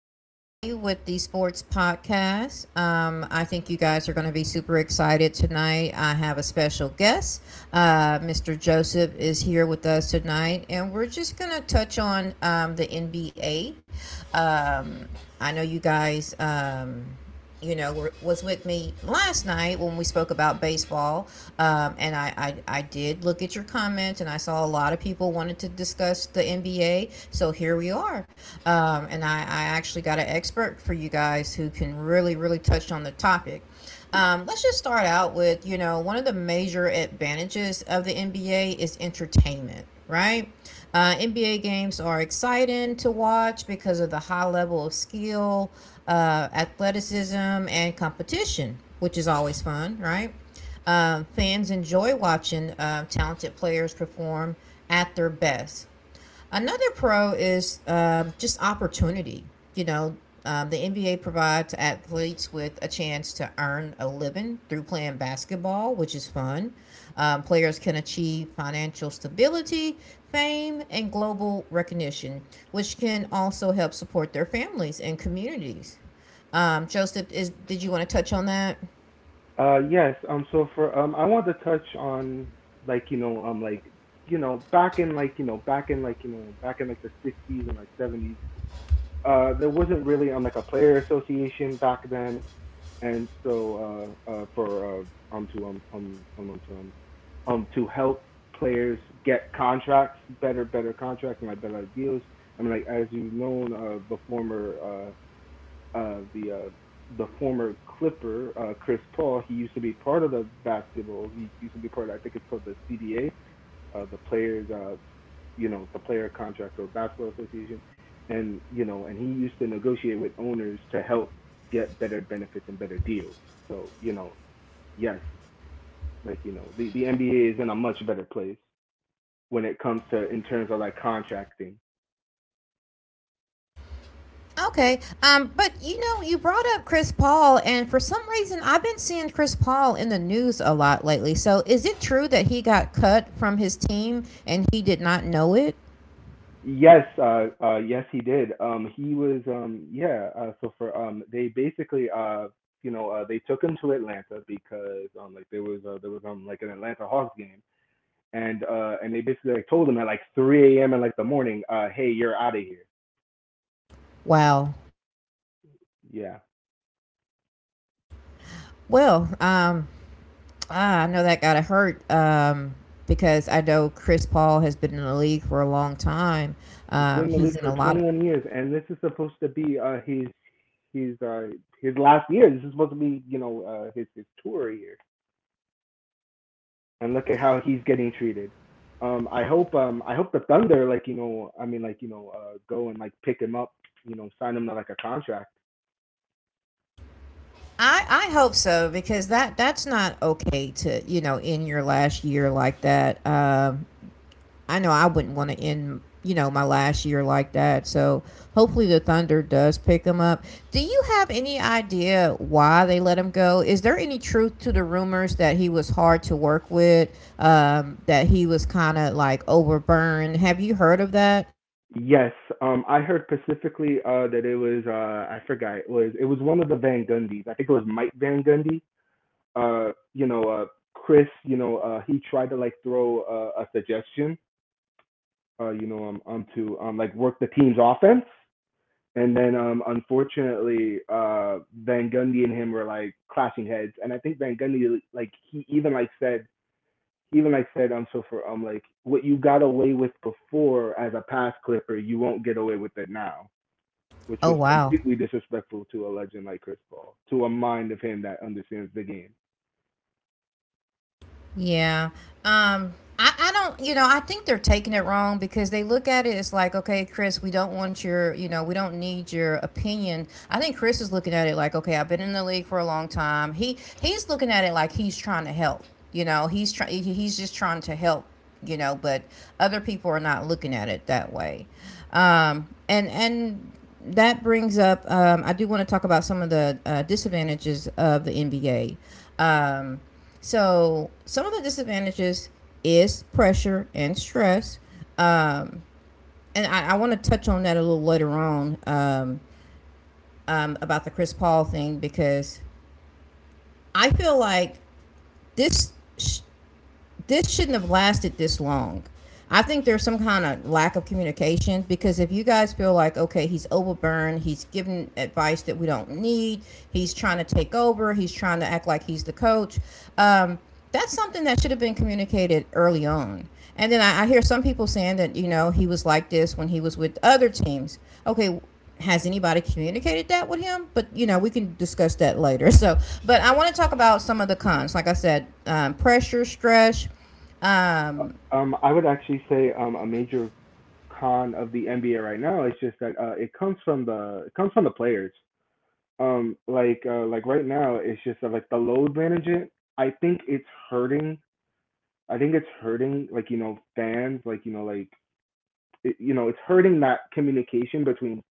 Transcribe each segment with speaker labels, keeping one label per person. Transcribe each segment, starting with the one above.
Speaker 1: is Kimberly with the Sports Podcast. I think you guys are going to be super excited tonight. I have a special guest. Mr. Joseph is here with us tonight, and we're just going to touch on the NBA. Um, I know you guys were, was with me last night when we spoke about baseball. And I did look at your comments and I saw a lot of people wanted to discuss the NBA. So here we are. And I actually got an expert for you guys who can really, really touch on the topic. Let's just start out with, you know, one of the major advantages of the NBA is entertainment, right? NBA games are exciting to watch because of the high level of skill, athleticism, and competition, which is always fun, right? Fans enjoy watching talented players perform at their best. Another pro is just opportunity. You know, the NBA provides athletes with a chance to earn a living through playing basketball, which is fun. Players can achieve financial stability, fame, and global recognition, which can also help support their families and communities. Joseph, is did you want to touch on that?
Speaker 2: Yes. So for I want to touch on like like you know back in like you know back in like you know back in like the 60s and like seventies. There wasn't really like a player association back then, and so for um to um um um um to, um, to help players get contracts, better contracts and like better deals. I mean, like, as you know, the former uh, the uh, the former Clipper, Chris Paul, he used to be part of the basketball. He used to be part of, I think it's called the CBA, the players, the player contract or basketball association, and and he used to negotiate with owners to help get better benefits and better deals. So, yes, like, the NBA is in a much better place when it comes to, in terms of like, contracting.
Speaker 1: Okay. But you know, you brought up Chris Paul, and for some reason, I've been seeing Chris Paul in the news a lot lately. So, is it true that he got cut from his team and he did not know it?
Speaker 2: Yes, yes, he did. He was, yeah. So for They basically, they took him to Atlanta, because like there was like an Atlanta Hawks game, and they basically like told him at like 3 a.m. in like the morning. Hey, you're out of here.
Speaker 1: Wow.
Speaker 2: Yeah,
Speaker 1: Well, ah, I know that gotta hurt. Because I know Chris Paul has been in the league for a long time.
Speaker 2: he's been in the
Speaker 1: He's
Speaker 2: league
Speaker 1: in
Speaker 2: for
Speaker 1: a lot of.
Speaker 2: 21 years, and this is supposed to be his uh his last year. This is supposed to be, his tour year. And look at how he's getting treated. I hope the Thunder, like, you know, I mean, like, go and like pick him up, you know, sign him to like a contract.
Speaker 1: I hope so because that's not okay to you know in your last year like that. I know I wouldn't want to end, you know, my last year like that. So hopefully the Thunder does pick him up. Do you have any idea why they let him go? Is there any truth to the rumors that he was hard to work with, that he was kind of like overburned? Have you heard of that?
Speaker 2: Yes, I heard specifically, that it was, I forgot, it was one of the Van Gundys. I think it was Mike Van Gundy. You know, Chris, you know, he tried to like throw, a suggestion, you know, onto, like, work the team's offense. And then unfortunately, Van Gundy and him were like clashing heads, and I think Van Gundy, like, he even like said, even like said so for like, what you got away with before as a pass clipper, you won't get away with it now, which
Speaker 1: Oh,
Speaker 2: was
Speaker 1: wow.
Speaker 2: completely disrespectful to a legend like Chris Paul, to a mind of him that understands the game.
Speaker 1: Yeah. I don't you know, I think they're taking it wrong because they look at it as like, okay, Chris, we don't want your you know, we don't need your opinion. I think Chris is looking at it like, okay, I've been in the league for a long time. He's looking at it like he's trying to help. You know, he's just trying to help, you know, but other people are not looking at it that way. And that brings up I do want to talk about some of the disadvantages of the NBA. Um so some of the disadvantages is pressure and stress. Um, and I want to touch on that a little later on about the Chris Paul thing because I feel like this sh- this shouldn't have lasted this long. I think there's some kind of lack of communication because if you guys feel like, okay, he's overburned, he's giving advice that we don't need, he's trying to take over, he's trying to act like he's the coach, um, that's something that should have been communicated early on. And then I hear some people saying that, you know, he was like this when he was with other teams. Okay, has anybody communicated that with him? But you know, we can discuss that later. So, but I want to talk about some of the cons. Like I said, pressure, stress. Um,
Speaker 2: Uh, I would actually say, a major con of the NBA right now is just that it comes from the, it comes from the players. Like right now it's just, like, the load management. i think it's hurting I think it's hurting, like, fans, like, like it, you know it's hurting that communication between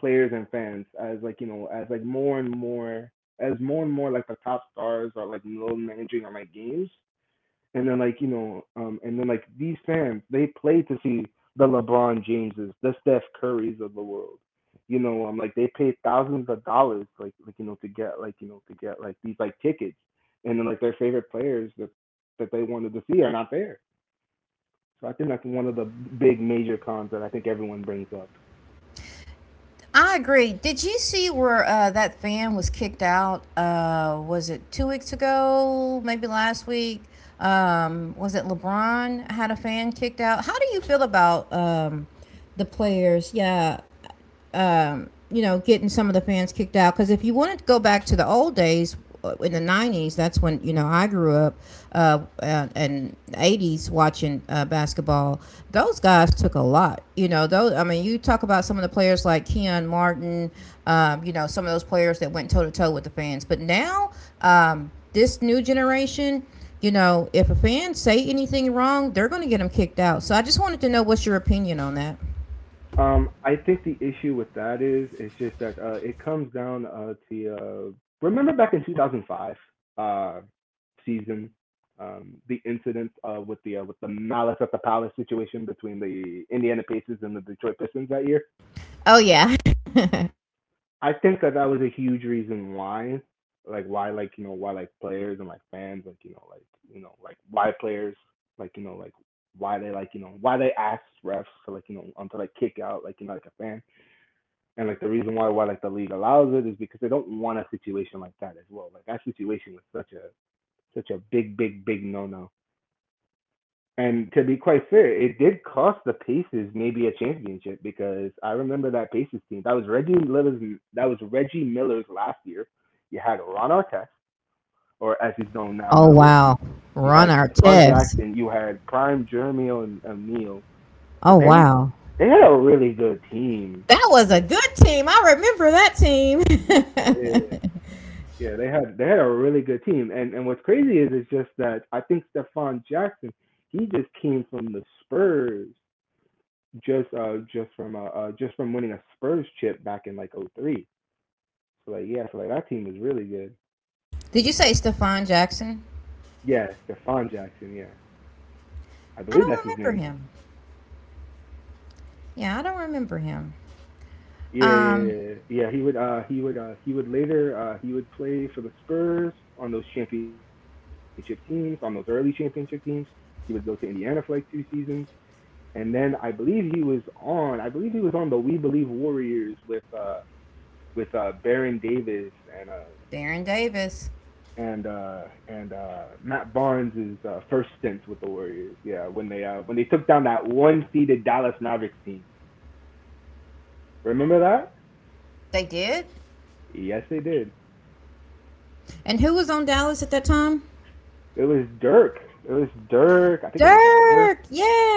Speaker 2: players and fans, as like, as like more and more as more and more like the top stars are like load managing on like games, and then, like, these fans, they pay to see the LeBron Jameses, the Steph Currys of the world. You know, like they pay thousands of dollars, like, to get like these like tickets. And then like their favorite players that they wanted to see are not there. So I think that's one of the big major cons that I think everyone brings up.
Speaker 1: I agree. Did you see where that fan was kicked out? Was it two weeks ago? Maybe last week? Was it LeBron had a fan kicked out? How do you feel about the players, yeah, you know, getting some of the fans kicked out. Because if you want to go back to the old days, in the 90s, that's when, you know, I grew up, and 80s watching basketball. Those guys took a lot. You know, those, I mean, you talk about some of the players like Keon Martin, you know, some of those players that went toe to toe with the fans. But now, this new generation, you know, if a fan say anything wrong, they're going to get them kicked out. So I just wanted to know what's your opinion on that.
Speaker 2: I think the issue with that is it's just that, it comes down, to remember back in 2005, uh, season. The incident, with the, malice at the palace situation between the Indiana Pacers and the Detroit Pistons that year.
Speaker 1: Oh yeah.
Speaker 2: I think that was a huge reason why, like, why like players and like fans, like why players, like you know like why they, like, why they asked refs to, like, to like kick out, like, like, a fan. And like the reason why like the league allows it is because they don't want a situation like that as well. Like that situation was such a big, big, big no no. And to be quite fair, it did cost the Pacers maybe a championship, because I remember that Pacers team. That was Reggie Miller's, last year. You had Ron Artest, or as he's known now,
Speaker 1: Oh
Speaker 2: Milwaukee.
Speaker 1: wow.
Speaker 2: You
Speaker 1: Ron
Speaker 2: had Stephon
Speaker 1: Artest.
Speaker 2: Jackson. You had Prime Jeremy and O'Neal.
Speaker 1: Oh
Speaker 2: But they
Speaker 1: wow.
Speaker 2: they had a really good team.
Speaker 1: That was
Speaker 2: Yeah.
Speaker 1: a good team. I remember that team.
Speaker 2: Yeah. Yeah, they had a really good team, and what's crazy is it's just that I think Stephon Jackson, he just came from the Spurs, just from winning a Spurs chip back in like '03. So like yeah, so like that team was really good.
Speaker 1: Did you say Stephon Jackson?
Speaker 2: Yeah, Stephon Jackson. Yeah, I
Speaker 1: I
Speaker 2: believe
Speaker 1: don't
Speaker 2: that's his
Speaker 1: remember
Speaker 2: name.
Speaker 1: him. Yeah, I don't remember him.
Speaker 2: Yeah, yeah, yeah,
Speaker 1: Um,
Speaker 2: yeah, yeah. Yeah, he would he would he would later he would play for the Spurs on those championship teams, on those early championship teams. He would go to Indiana for like 2 seasons, and then I believe he was on the We Believe Warriors with, Baron Davis, and
Speaker 1: Baron Davis.
Speaker 2: and uh Matt Barnes' first stint with the Warriors. Yeah, when they took down that one seeded Dallas Mavericks team. Remember that?
Speaker 1: They did?
Speaker 2: Yes, they did.
Speaker 1: And who was on Dallas at that time?
Speaker 2: It was Dirk. It was Dirk. I think it was Dirk.
Speaker 1: Dirk.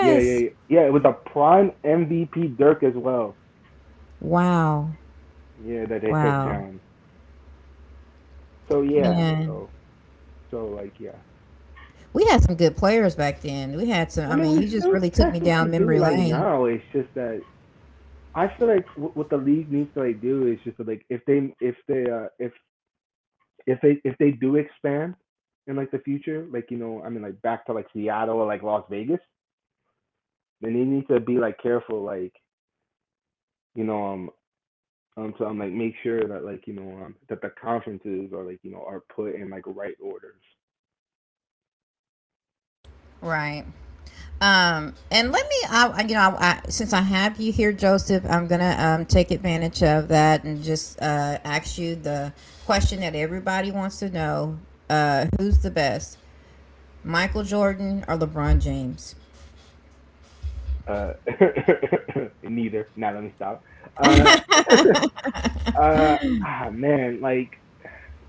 Speaker 2: Yeah, yeah, yeah. Yeah, it was a prime MVP Dirk as well.
Speaker 1: Wow.
Speaker 2: Yeah, that they took
Speaker 1: Wow.
Speaker 2: down. So yeah,
Speaker 1: Man.
Speaker 2: so like, yeah.
Speaker 1: We had some good players back then. We had some
Speaker 2: I
Speaker 1: I
Speaker 2: mean,
Speaker 1: mean,
Speaker 2: we
Speaker 1: you just
Speaker 2: still
Speaker 1: really took me
Speaker 2: technically
Speaker 1: down
Speaker 2: do
Speaker 1: memory
Speaker 2: like
Speaker 1: lane.
Speaker 2: now. It's just that I feel like, what the league needs to like do is just to, like, if they, if they do expand in like the future, like, you know, I mean, like, back to like Seattle or like Las Vegas, then they need to be like careful, like, you know, to like, make sure that, like, that the conferences are, like, are put in like right orders.
Speaker 1: Right. And let me, I, you know, I, since I have you here, Joseph, I'm gonna take advantage of that and just ask you the question that everybody wants to know: who's the best, Michael Jordan or LeBron James?
Speaker 2: Uh, Neither. Now let me stop. Uh, uh, ah man, like,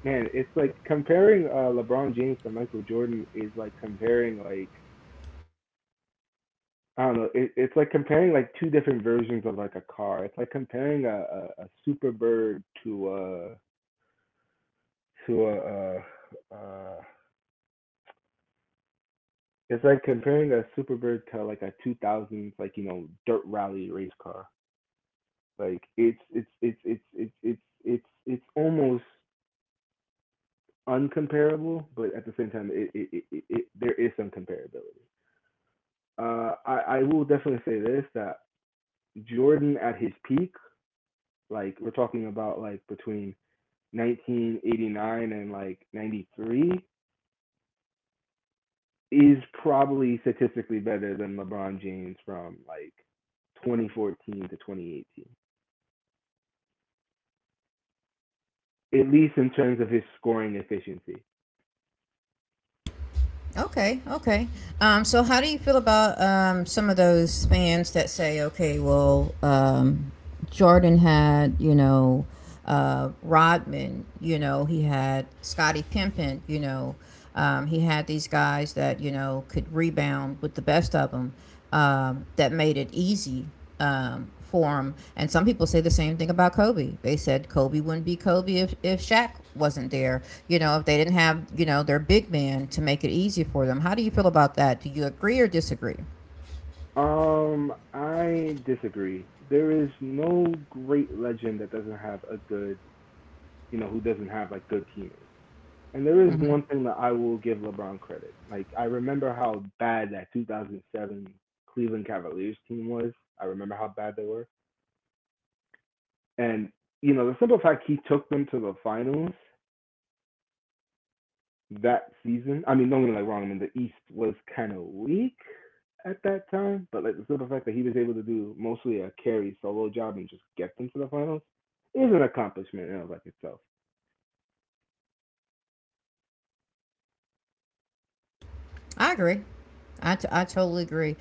Speaker 2: it's like comparing, LeBron James to Michael Jordan, is like comparing, like, I don't know. It's like comparing like two different versions of like a car. It's like comparing a, a Superbird to a, to a uh, uh, it's like comparing a Superbird to like a 2000s, like, dirt rally race car. Like it's almost uncomparable, but at the same time, it there is some comparability. I will definitely say this, that Jordan at his peak, like, we're talking about like between 1989 and like 93, is probably statistically better than LeBron James from like 2014 to 2018, at least in terms of his scoring efficiency.
Speaker 1: Okay, okay. So how do you feel about some of those fans that say, okay, well, Jordan had, you know, Rodman, you know, he had Scottie Pimpin, you know, he had these guys that, you know, could rebound with the best of them that made it easy forum. And some people say the same thing about Kobe. They said Kobe wouldn't be Kobe if, Shaq wasn't there. You know, if they didn't have, you know, their big man to make it easy for them. How do you feel about that? Do you agree or disagree?
Speaker 2: I disagree. There is no great legend that doesn't have a good, who doesn't have like good teammates. And there is
Speaker 1: Hmm.
Speaker 2: one thing that I will give LeBron credit. Like, I remember how bad that 2007 Cleveland Cavaliers team was. I remember how bad they were. And you know, the simple fact he took them to the finals that season. I mean, don't get me like wrong. I mean, the East was kind of weak at that time, but like the simple fact that he was able to do mostly a carry solo job and just get them to the finals is an accomplishment in and of like itself.
Speaker 1: I agree. I totally agree.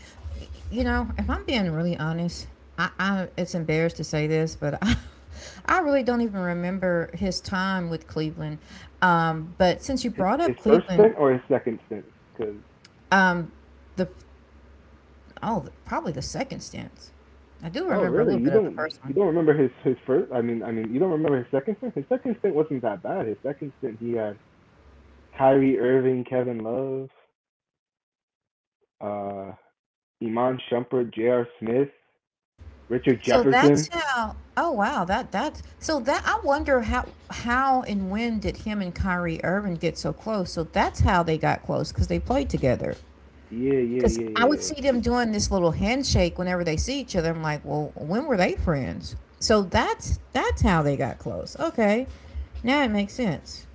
Speaker 1: You know, if I'm being really honest, I it's embarrassed to say this, but I, I really don't even remember his time with Cleveland. But since you brought up
Speaker 2: His first
Speaker 1: Cleveland,
Speaker 2: stint or his second stint? Because...
Speaker 1: um, the oh, the, probably the second stance. I do
Speaker 2: Oh,
Speaker 1: remember a little
Speaker 2: really? You
Speaker 1: bit of the
Speaker 2: don't
Speaker 1: first one.
Speaker 2: you don't remember his first? I mean, you don't remember his second stint? His second stint wasn't that bad. His second stint, he had Kyrie Irving, Kevin Love, uh, Iman Shumpert, J.R. Smith, Richard
Speaker 1: So
Speaker 2: Jefferson.
Speaker 1: that's how. Oh wow, that that's so that I wonder how and when did him and Kyrie Irving get so close? So that's how they got close because they played together.
Speaker 2: Yeah, yeah,
Speaker 1: Because
Speaker 2: yeah,
Speaker 1: I would
Speaker 2: yeah,
Speaker 1: see them
Speaker 2: yeah.
Speaker 1: doing this little handshake whenever they see each other. I'm like, well, when were they friends? So that's how they got close. Okay, now it makes sense.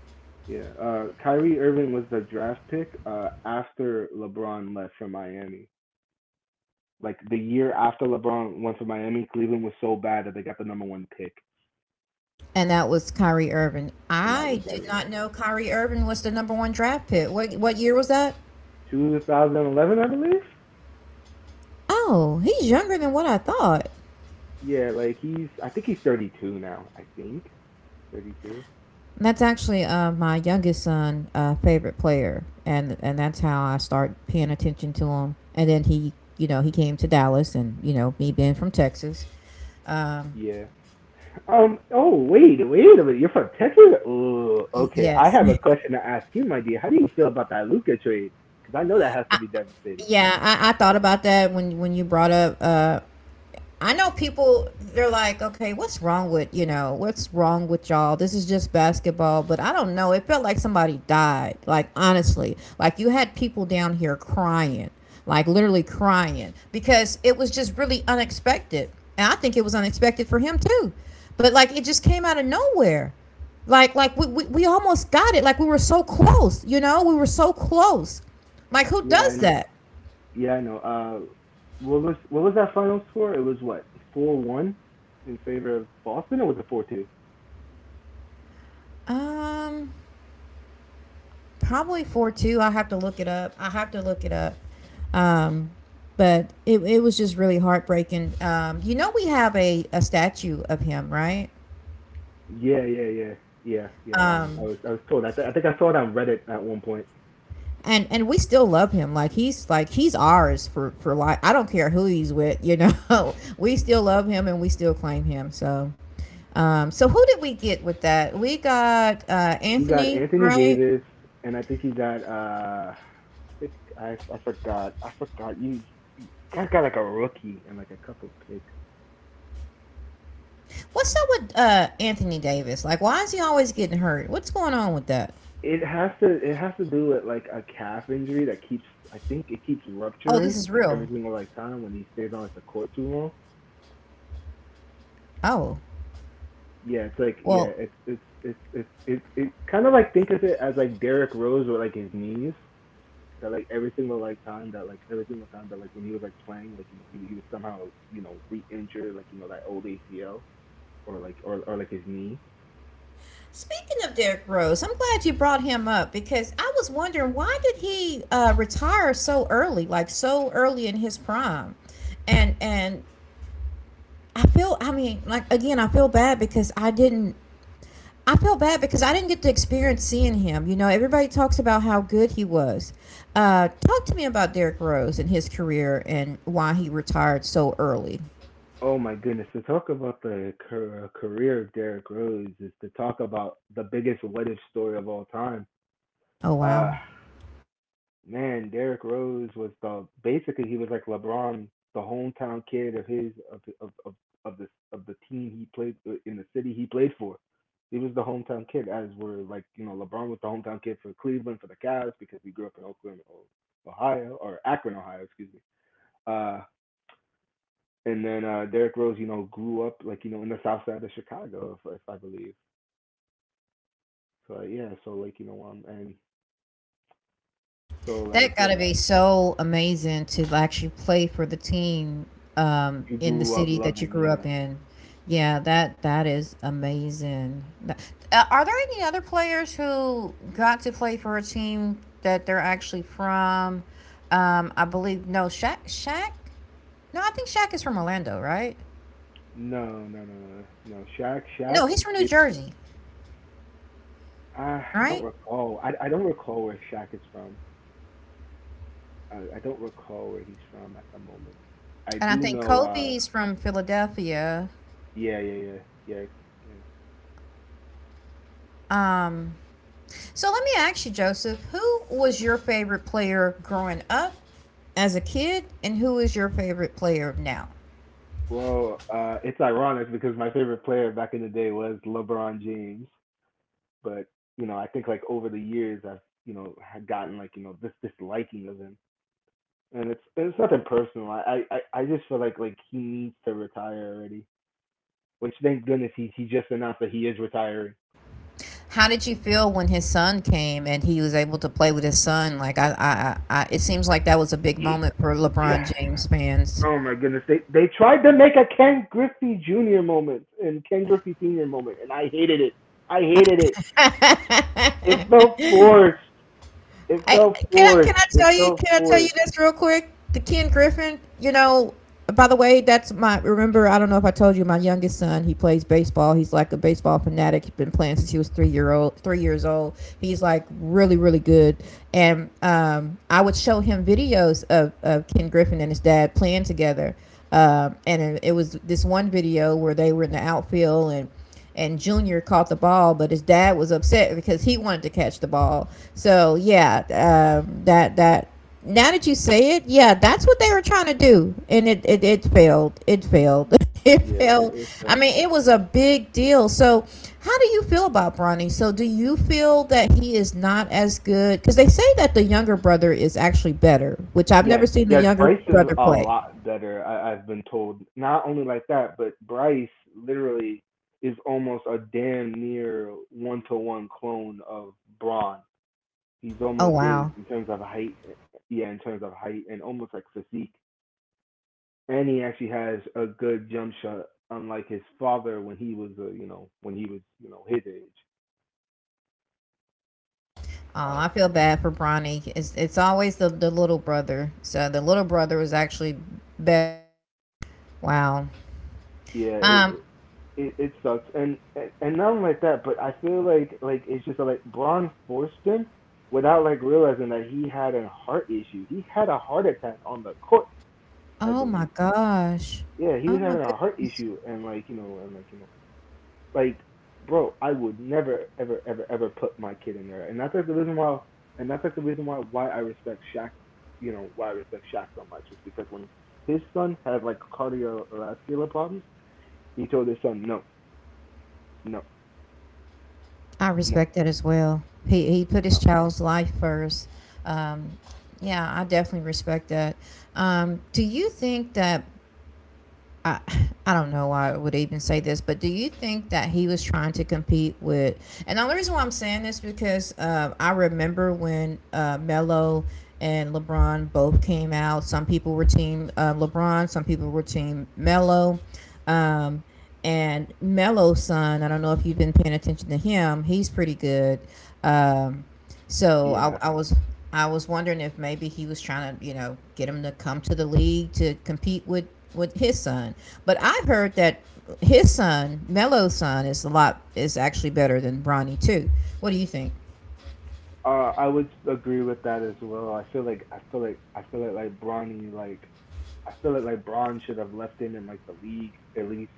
Speaker 2: Yeah, Kyrie Irving was the draft pick, after LeBron left for Miami. Like, the year after LeBron went for Miami, Cleveland was so bad that they got the number one pick,
Speaker 1: And that was Kyrie Irving.
Speaker 2: and that was
Speaker 1: I did
Speaker 2: Kyrie
Speaker 1: not
Speaker 2: Irving.
Speaker 1: know Kyrie Irving was the number one draft pick. What year was that?
Speaker 2: 2011, I believe.
Speaker 1: Oh, he's younger than what I thought.
Speaker 2: Yeah, like, he's I think he's 32 now. I think 32.
Speaker 1: That's actually my youngest son' favorite player, and that's how I start paying attention to him. And then he, you know, he came to Dallas, and you know, me being from Texas, um,
Speaker 2: Yeah. Oh, wait, wait a minute. You're from Texas? Oh,
Speaker 1: y-
Speaker 2: okay. I
Speaker 1: yes,
Speaker 2: have a question to ask you, my dear: how do you feel about that Luca trade? Because I know that has to be devastating.
Speaker 1: yeah, I thought about that when you brought up I know people they're like, okay, what's wrong with you know, what's wrong with y'all? This is just basketball, but I don't know. It felt like somebody died. Like honestly, like you had people down here crying, like literally crying because it was just really unexpected. And I think it was unexpected for him too. But like it just came out of nowhere. Like we almost got it. Like we were so close, you know? We were so close. Like who
Speaker 2: Yeah, I
Speaker 1: does
Speaker 2: know.
Speaker 1: that?
Speaker 2: Yeah, I know. What was that final score? It was, what, 4-1 in favor of Boston, or was it 4-2?
Speaker 1: Um Probably 4-2. I have to look it up. I have to look it up. Um, but it was just really heartbreaking. You know, we have a statue of him, right?
Speaker 2: Yeah, yeah, yeah, yeah, yeah. I
Speaker 1: Um,
Speaker 2: was I was told. I think I saw it on Reddit at one point.
Speaker 1: and we still love him. Like he's ours for life. I don't care who he's with. You know, we still love him and we still claim him. So. So who did we get with that? We got
Speaker 2: You got
Speaker 1: Anthony,
Speaker 2: Anthony
Speaker 1: right?
Speaker 2: Davis, and I think you got think I forgot. I forgot you. You guys got like a rookie and like a couple picks.
Speaker 1: What's up with Anthony Davis? Like, why is he always getting hurt? What's going on with that?
Speaker 2: It has to do with like a calf injury that keeps I think it keeps
Speaker 1: Oh, this
Speaker 2: rupturing
Speaker 1: is
Speaker 2: like every
Speaker 1: real.
Speaker 2: single like time when he stays on like the court too long.
Speaker 1: Oh,
Speaker 2: Yeah, it's like, yeah,
Speaker 1: well,
Speaker 2: it kind of like, think of it as like Derrick Rose with like his knees that like every single like time that like every single time that like when he was like playing, like, you know, he was somehow, you know, re-injured, like, you know, that old ACL, or like his knee.
Speaker 1: speaking of Derrick Rose, I'm glad you brought him up because I was wondering why did he retire so early, like so early in his prime, and I feel, I mean, like again, I feel bad because I didn't. I feel bad because I didn't get to experience seeing him. You know, everybody talks about how good he was. Talk to me about Derrick Rose and his career and why he retired so early.
Speaker 2: Oh my goodness, to talk about the career of Derrick Rose is to talk about the biggest what if story of all time.
Speaker 1: Oh
Speaker 2: Uh
Speaker 1: wow.
Speaker 2: Man, Derrick Rose was the basically he was like LeBron, the hometown kid of his of the team he played, in the city he played for. He was the hometown kid, as were like, you know, LeBron was the hometown kid for Cleveland, for the Cavs, because he grew up in Oakland, Ohio, or Akron, Ohio, excuse me. Uh, and then Derrick Rose, you know, grew up, like, you know, in the South Side of Chicago, if I believe. So, like, yeah, so, like, you know, and so, like,
Speaker 1: That gotta
Speaker 2: yeah,
Speaker 1: be so amazing to actually play for the team,
Speaker 2: you
Speaker 1: in the
Speaker 2: grew up
Speaker 1: city that you
Speaker 2: loving,
Speaker 1: grew up
Speaker 2: yeah.
Speaker 1: in. Yeah, that that is amazing. Tha- Are there any other players who got to play for a team that they're actually from? I believe no, Shaq. Shaq? No, I think Shaq is from Orlando, right?
Speaker 2: No, no, no, no, no. Shaq, Shaq.
Speaker 1: No, he's from New
Speaker 2: Is,
Speaker 1: Jersey,
Speaker 2: I don't
Speaker 1: right?
Speaker 2: recall. I don't recall where Shaq is from. I don't recall where he's from at the moment. I
Speaker 1: And
Speaker 2: do
Speaker 1: I think
Speaker 2: know.
Speaker 1: Kobe's from Philadelphia.
Speaker 2: Yeah, yeah, yeah, yeah, yeah.
Speaker 1: Um, So let me ask you, Joseph, who was your favorite player growing up as a kid, and who is your favorite player now?
Speaker 2: Well, it's ironic because my favorite player back in the day was LeBron James. But, you know, I think, like, over the years, I've, you know, had gotten, like, you know, this disliking of him, and it's nothing personal. I just feel like he needs to retire already. Which, thank goodness, he just announced that he is retiring.
Speaker 1: How did you feel when his son came and he was able to play with his son? Like I it seems like that was a big moment for
Speaker 2: Yeah.
Speaker 1: LeBron James fans.
Speaker 2: Oh my goodness, they tried to make a Ken Griffey Jr. moment and Ken Griffey Sr. moment, and I hated it. I hated it. It felt forced. It
Speaker 1: I
Speaker 2: felt
Speaker 1: can I can
Speaker 2: forced.
Speaker 1: I
Speaker 2: It
Speaker 1: tell you
Speaker 2: felt
Speaker 1: can I tell you
Speaker 2: forced.
Speaker 1: this real quick? The Ken Griffin, you know. By the way, that's my remember. I don't know if I told you, my youngest son. He plays baseball. He's like a baseball fanatic. He's been playing since he was three-year-old, 3 years old. He's like really good. And I would show him videos of Ken Griffin and his dad playing together. And it was this one video where they were in the outfield and Junior caught the ball, but his dad was upset because he wanted to catch the ball. So yeah, that that now that you say it, yeah, that's what they were trying to do, and it failed. It failed. It
Speaker 2: Yeah, it,
Speaker 1: failed.
Speaker 2: it
Speaker 1: I
Speaker 2: felt.
Speaker 1: mean, it was a big deal. So. How do you feel about Bronny? So, do you feel that he is not as good? Because they say that the younger brother is actually better, which I've never
Speaker 2: Yes,
Speaker 1: seen the
Speaker 2: yes,
Speaker 1: younger
Speaker 2: Bryce is
Speaker 1: brother
Speaker 2: a
Speaker 1: play.
Speaker 2: lot better. I've been told. Not only like that, but Bryce literally is almost a damn near one to one clone of Braun. He's
Speaker 1: Oh,
Speaker 2: almost is
Speaker 1: wow.
Speaker 2: in terms of height. Yeah, in terms of height and almost like physique. And he actually has a good jump shot, unlike his father when he was, you know, his age.
Speaker 1: Oh,
Speaker 2: Uh,
Speaker 1: I feel bad for Bronny. It's always the little brother. So the little brother was actually better. Wow.
Speaker 2: yeah,
Speaker 1: Um.
Speaker 2: it sucks. And not only like that, but I feel like it's just like Braun forced him without, like, realizing that he had a heart issue. He had a heart attack on the court, I
Speaker 1: Oh my
Speaker 2: believe.
Speaker 1: gosh.
Speaker 2: Yeah, he
Speaker 1: Oh
Speaker 2: had
Speaker 1: my
Speaker 2: a heart
Speaker 1: goodness.
Speaker 2: issue, and, like, you know, like, bro, I would never ever ever ever put my kid in there. And that's like the reason why I respect Shaq. You know why I respect Shaq so much is because when his son had like cardiovascular problems, he told his son, no, no,
Speaker 1: I
Speaker 2: no,
Speaker 1: respect that as well. He put his
Speaker 2: no.
Speaker 1: child's life first. Um. Yeah, I definitely respect that. Do you think that I I don't know why I would even say this, but do you think that he was trying to compete with? And the only reason why I'm saying this because I remember when Melo and LeBron both came out. Some people were team LeBron, some people were team Melo. Um, and Melo's son, I don't know if you've been paying attention to him. He's pretty good. Um, so I,
Speaker 2: Yeah.
Speaker 1: I was I was wondering if maybe he was trying to you know get him to come to the league to compete with his son. But I heard that his son, Melo's son, is a lot is actually better than Bronny too. What do you think?
Speaker 2: I would agree with that as well. I feel like Bron should have left him in, like, the league at least,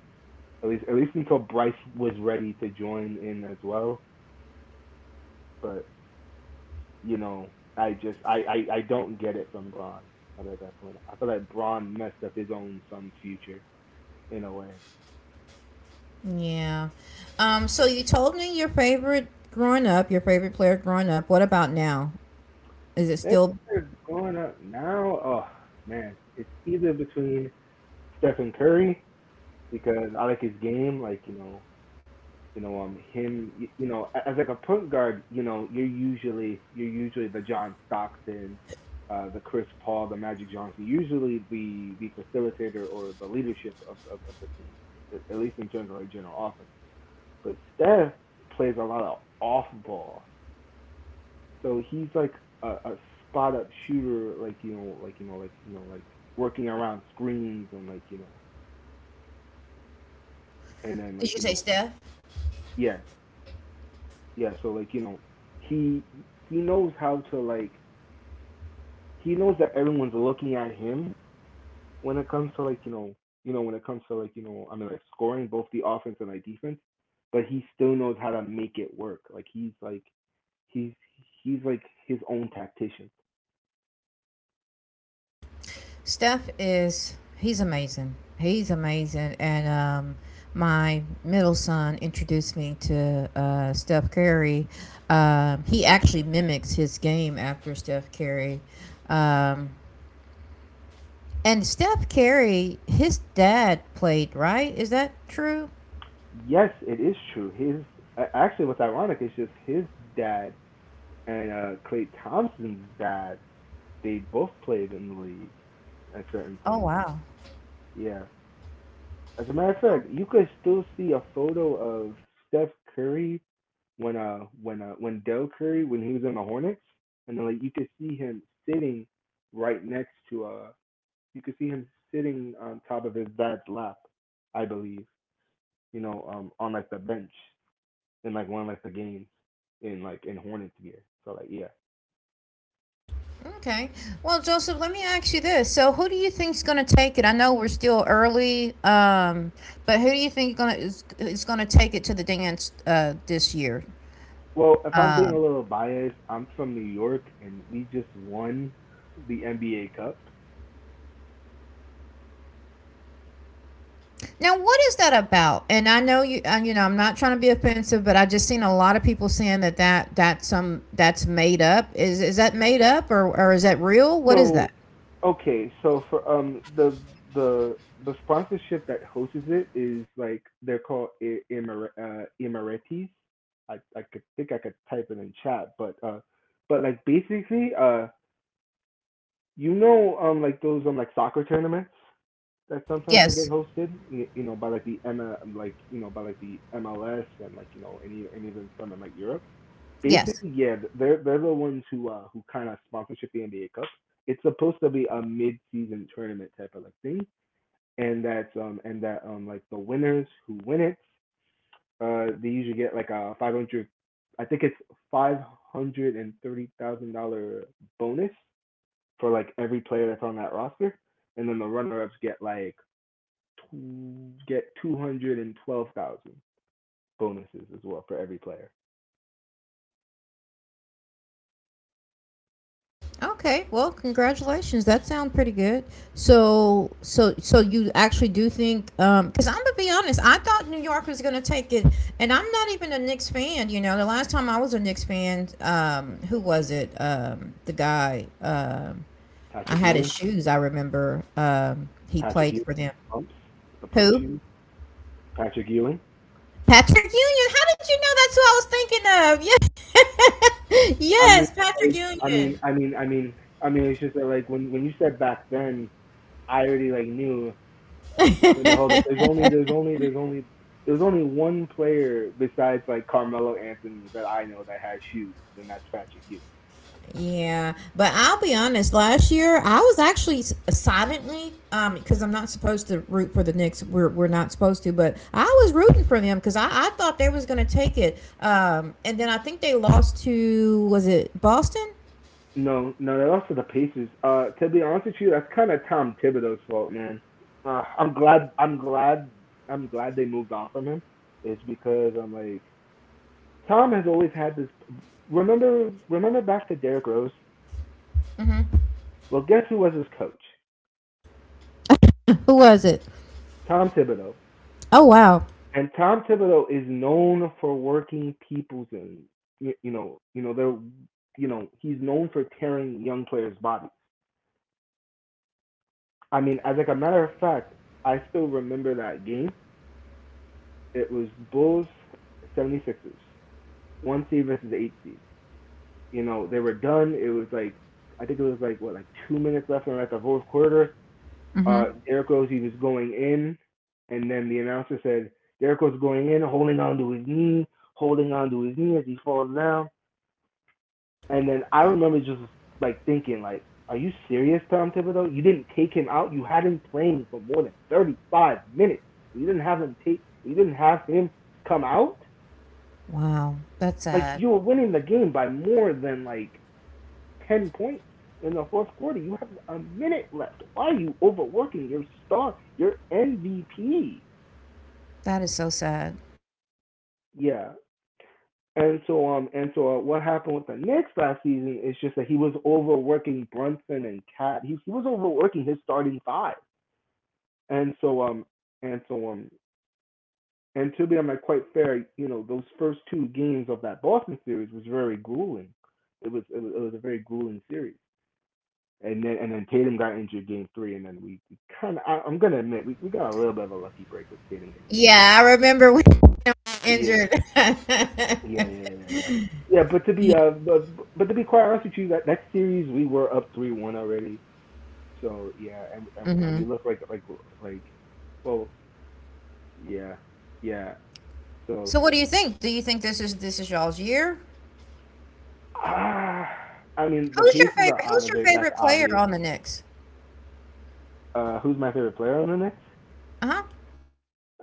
Speaker 2: at least until Bryce was ready to join in as well. But, you know, I just I don't get it from Bron at that point. I feel like Bron messed up his own son's future in a way.
Speaker 1: Yeah. So you told me your favorite growing up, your favorite player growing up. What about now? Is it still?
Speaker 2: They're going up now. Oh man, it's either between Stephen Curry because I like his game. Like, you know, you know, as like a point guard, you know, you're usually the John Stockton, the Chris Paul, the Magic Johnson, usually the facilitator or the leadership of the team, at least in terms of, like, general offense. But Steph plays a lot of off ball, so he's like a spot up shooter, like, you know, like, you know, like, you know, like working around screens, and, like, you know, and then,
Speaker 1: Did
Speaker 2: like,
Speaker 1: you
Speaker 2: you
Speaker 1: say
Speaker 2: know,
Speaker 1: Steph?
Speaker 2: yeah, yeah, so, like, you know, he he knows how to, like, he knows that everyone's looking at him when it comes to, like, you know, when it comes to like, you know, I mean, like, scoring both the offense and, like, defense, but he still knows how to make it work. Like, he's he's like his own tactician.
Speaker 1: Steph is he's amazing. He's amazing, and my middle son introduced me to Steph Curry. He actually mimics his game after Steph Curry, um, and Steph Curry, his dad played right. Is that true?
Speaker 2: Yes, it is true. His Actually, what's ironic is just his dad and Klay Thompson's dad. They both played in the league at a certain
Speaker 1: Oh
Speaker 2: point.
Speaker 1: wow.
Speaker 2: Yeah. As a matter of fact, you could still see a photo of Steph Curry when Del Curry, when he was in the Hornets, and then, like, you could see him sitting right next to you could see him sitting on top of his dad's lap, I believe. You know, on, like, the bench in, like, one of, like, the games in, like, in Hornets gear. So, like, yeah.
Speaker 1: Okay. Well, Joseph, let me ask you this. So, who do you think's going to take it? I know we're still early, but who do you think is going to take it to the dance this year?
Speaker 2: Well, if I'm being a
Speaker 1: Um,
Speaker 2: little biased, I'm from New York, and we just won the NBA Cup.
Speaker 1: now, what is that about? And I know you, you know, I'm not trying to be offensive, but I just seen a lot of people saying that that's made up. Is that made up or is that real? What is that?
Speaker 2: So, okay, so for the the sponsorship that hosts it is, like, they're called Emiratis. I could type it in chat, but but like, basically, you know, like those, like soccer tournaments that sometimes I get
Speaker 1: Yes,
Speaker 2: hosted, you know, by, like, the like, you know, by, like, the MLS, and, like, you know, any, and even some in, like, Europe. Basically,
Speaker 1: yes.
Speaker 2: yeah, they're the ones who kind of sponsorship the NBA Cup. It's supposed to be a mid-season tournament type of, like, thing, and that like the winners who win it, they usually get like a 500, I think it's $530,000 bonus for like every player that's on that roster, and then the runner-ups get, like, get 212,000 bonuses as well for every player.
Speaker 1: Okay, well, congratulations. That sounds pretty good. So you actually do think? Um, because I'm gonna be honest, I thought New York was gonna take it, and I'm not even a Knicks fan. You know, the last time I was a Knicks fan, who was it? The guy. I
Speaker 2: Patrick
Speaker 1: had his
Speaker 2: Ewing,
Speaker 1: shoes. I remember. He
Speaker 2: Patrick
Speaker 1: played
Speaker 2: Ewing,
Speaker 1: for them.
Speaker 2: pumps with the pump
Speaker 1: Who?
Speaker 2: shoes. Patrick Ewing.
Speaker 1: Patrick Union. How did you know that's who I was thinking of? Yeah,
Speaker 2: I
Speaker 1: yes,
Speaker 2: mean,
Speaker 1: Patrick
Speaker 2: like, I
Speaker 1: Union.
Speaker 2: mean, I mean, I mean, I mean. It's just that, like, when you said back then, I already, like, knew. Wait a minute, hold up. There's only one player besides, like, Carmelo Anthony that I know that has shoes, and that's Patrick Ewing.
Speaker 1: Yeah, but I'll be honest. Last year, I was actually silently, because I'm not supposed to root for the Knicks. We're not supposed to, but I was rooting for them because I thought they was gonna take it. And then I think they lost to was it Boston?
Speaker 2: No, no, they lost to the Pacers. To be honest with you, that's kind of Tom Thibodeau's fault, man. I'm glad, I'm glad, I'm glad they moved on from him. It's because I'm, like, Tom has always had this. Remember, remember back to Derrick Rose. Well, guess who was his coach?
Speaker 1: Who was it?
Speaker 2: Tom Thibodeau.
Speaker 1: Oh wow.
Speaker 2: And Tom Thibodeau is known for working people's, and you you know, they're you know, he's known for tearing young players' bodies. I mean, as, like, a matter of fact, I still remember that game. It was Bulls 76ers. One seed versus eight seed. You know, they were done. It was like I think it was like, what, like, 2 minutes left and at the fourth quarter.
Speaker 1: Mm-hmm.
Speaker 2: Derrick Rose, he was going in, and then the announcer said, Derrick Rose going in, holding on to his knee, holding on to his knee as he falls down. And then I remember just, like, thinking like, "Are you serious, Tom Thibodeau? You didn't take him out. You had him playing for more than 35 minutes. You didn't have him come out?"
Speaker 1: Wow, that's
Speaker 2: Like,
Speaker 1: sad.
Speaker 2: you were winning the game by more than, like, 10 points in the fourth quarter. You have a minute left. Why are you overworking your star, your MVP?
Speaker 1: That is so sad.
Speaker 2: Yeah. And so what happened with the Knicks last season is just that he was overworking Brunson and Cat. He was overworking his starting five. And so um and so um and to be on my quite fair, you know, those first two games of that Boston series was very grueling. It was a very grueling series. And then Tatum got injured game three, and then we kind of I'm gonna admit, we got a little bit of a lucky break with Tatum getting
Speaker 1: Yeah, I remember when
Speaker 2: injured.
Speaker 1: injured.
Speaker 2: Yeah, yeah, yeah, yeah, yeah. Yeah, but
Speaker 1: Yeah.
Speaker 2: to be quite honest with you, that series we were up 3-1 already. So yeah, and we
Speaker 1: Hmm.
Speaker 2: look, like, well, yeah, yeah. So.
Speaker 1: So, what do you think? Do you think this is y'all's year?
Speaker 2: ah, I mean, the
Speaker 1: Who's your
Speaker 2: Pacers
Speaker 1: favorite?
Speaker 2: are out
Speaker 1: Who's
Speaker 2: of
Speaker 1: your
Speaker 2: it. That's
Speaker 1: favorite player
Speaker 2: obvious.
Speaker 1: on the Knicks?
Speaker 2: Who's my favorite player on the Knicks?
Speaker 1: Uh huh.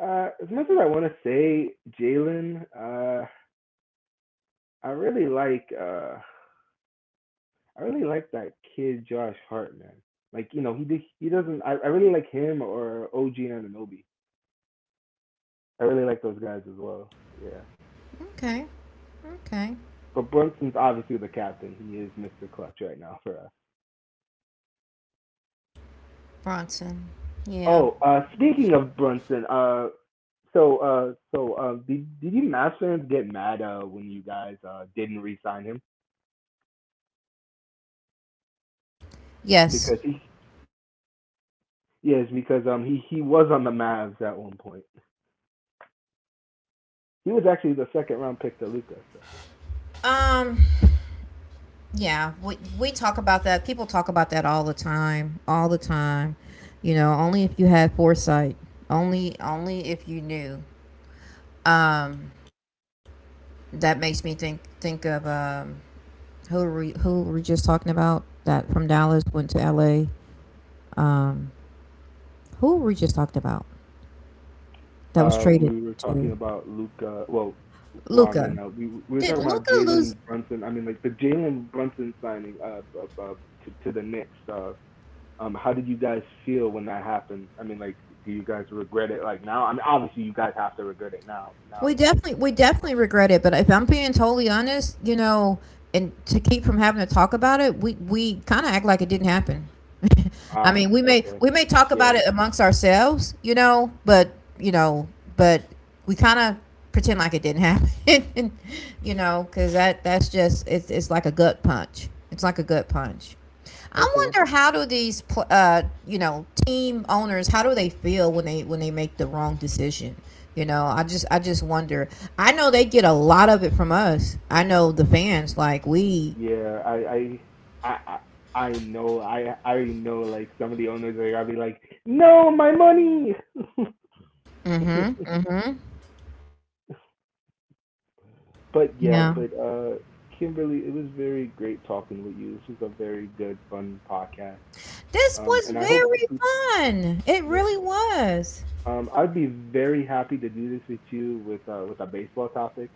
Speaker 2: As much as I want to say Jalen, I really like uh I really like that kid Josh Hart, man. Like, you know, he did, he doesn't I really like him, or OG Ananobi. I really like those guys as well. Yeah,
Speaker 1: Okay. Okay.
Speaker 2: but Brunson's obviously the captain. He is Mr. Clutch right now for us.
Speaker 1: Bronson. Yeah.
Speaker 2: Oh, speaking of Brunson, did you Mavs fans get mad when you guys didn't re-sign him,
Speaker 1: Yes.
Speaker 2: because he yes, because he was on the Mavs at one point. He was actually the second round pick to Luca. So.
Speaker 1: Um. Yeah. We talk about that. People talk about that all the time. All the time. You know, only if you had foresight. Only if you knew. Um. That makes me think of. Who were we just talking about? That from Dallas went to L.A. Um. Who were we just talking about? That was
Speaker 2: uh,
Speaker 1: traded
Speaker 2: we were talking
Speaker 1: to
Speaker 2: about Luca. Well, I
Speaker 1: Luca.
Speaker 2: mean, we were
Speaker 1: Did
Speaker 2: talking about
Speaker 1: Luca lose
Speaker 2: Jalen Brunson. I mean, like the Jalen Brunson signing, to the Knicks. How did you guys feel when that happened? I mean, like, do you guys regret it? Like, now, I mean, obviously you guys have to regret it now. Now,
Speaker 1: We
Speaker 2: Luca
Speaker 1: definitely we
Speaker 2: as
Speaker 1: definitely
Speaker 2: well.
Speaker 1: regret it, but if I'm being totally honest, you know, and to keep from having to talk about it, we kind of act like it didn't happen. I
Speaker 2: Ah,
Speaker 1: mean, we may
Speaker 2: okay,
Speaker 1: we may talk
Speaker 2: yeah,
Speaker 1: about it amongst ourselves, you know, but we kind of pretend like it didn't happen, you know, because that that's just it's like a gut punch. It's like a gut punch. I
Speaker 2: okay,
Speaker 1: wonder how do these, you know, team owners how do they feel when they make the wrong decision? You know, I just wonder. I know they get a lot of it from us. I know the fans like we.
Speaker 2: yeah. I. I I know, I already know. Like, some of the owners are gonna be like, "No, my money."
Speaker 1: Mhm. Mhm.
Speaker 2: But yeah,
Speaker 1: Yeah.
Speaker 2: but Kimberly, it was very great talking with you. This was a very good, fun podcast.
Speaker 1: This was
Speaker 2: And I hope the
Speaker 1: very
Speaker 2: peop-
Speaker 1: fun. It
Speaker 2: yeah.
Speaker 1: really was.
Speaker 2: I'd be very happy to do this with you, with a baseball topic,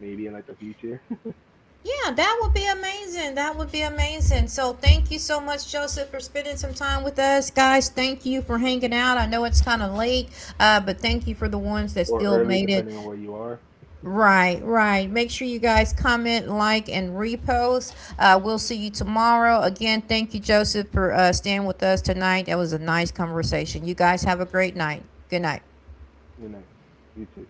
Speaker 2: maybe in, like, the future.
Speaker 1: Yeah, that would be amazing. That would be amazing. So, thank you so much, Joseph, for spending some time with us, guys. Thank you for hanging out. I know it's kind of late, but thank you for the ones that
Speaker 2: Or
Speaker 1: still
Speaker 2: early,
Speaker 1: made it.
Speaker 2: depending on where you are.
Speaker 1: Right, right. Make sure you guys comment, like, and repost. We'll see you tomorrow. Again, thank you, Joseph, for staying with us tonight. That was a nice conversation. You guys have a great night. Good night.
Speaker 2: Good night. You too.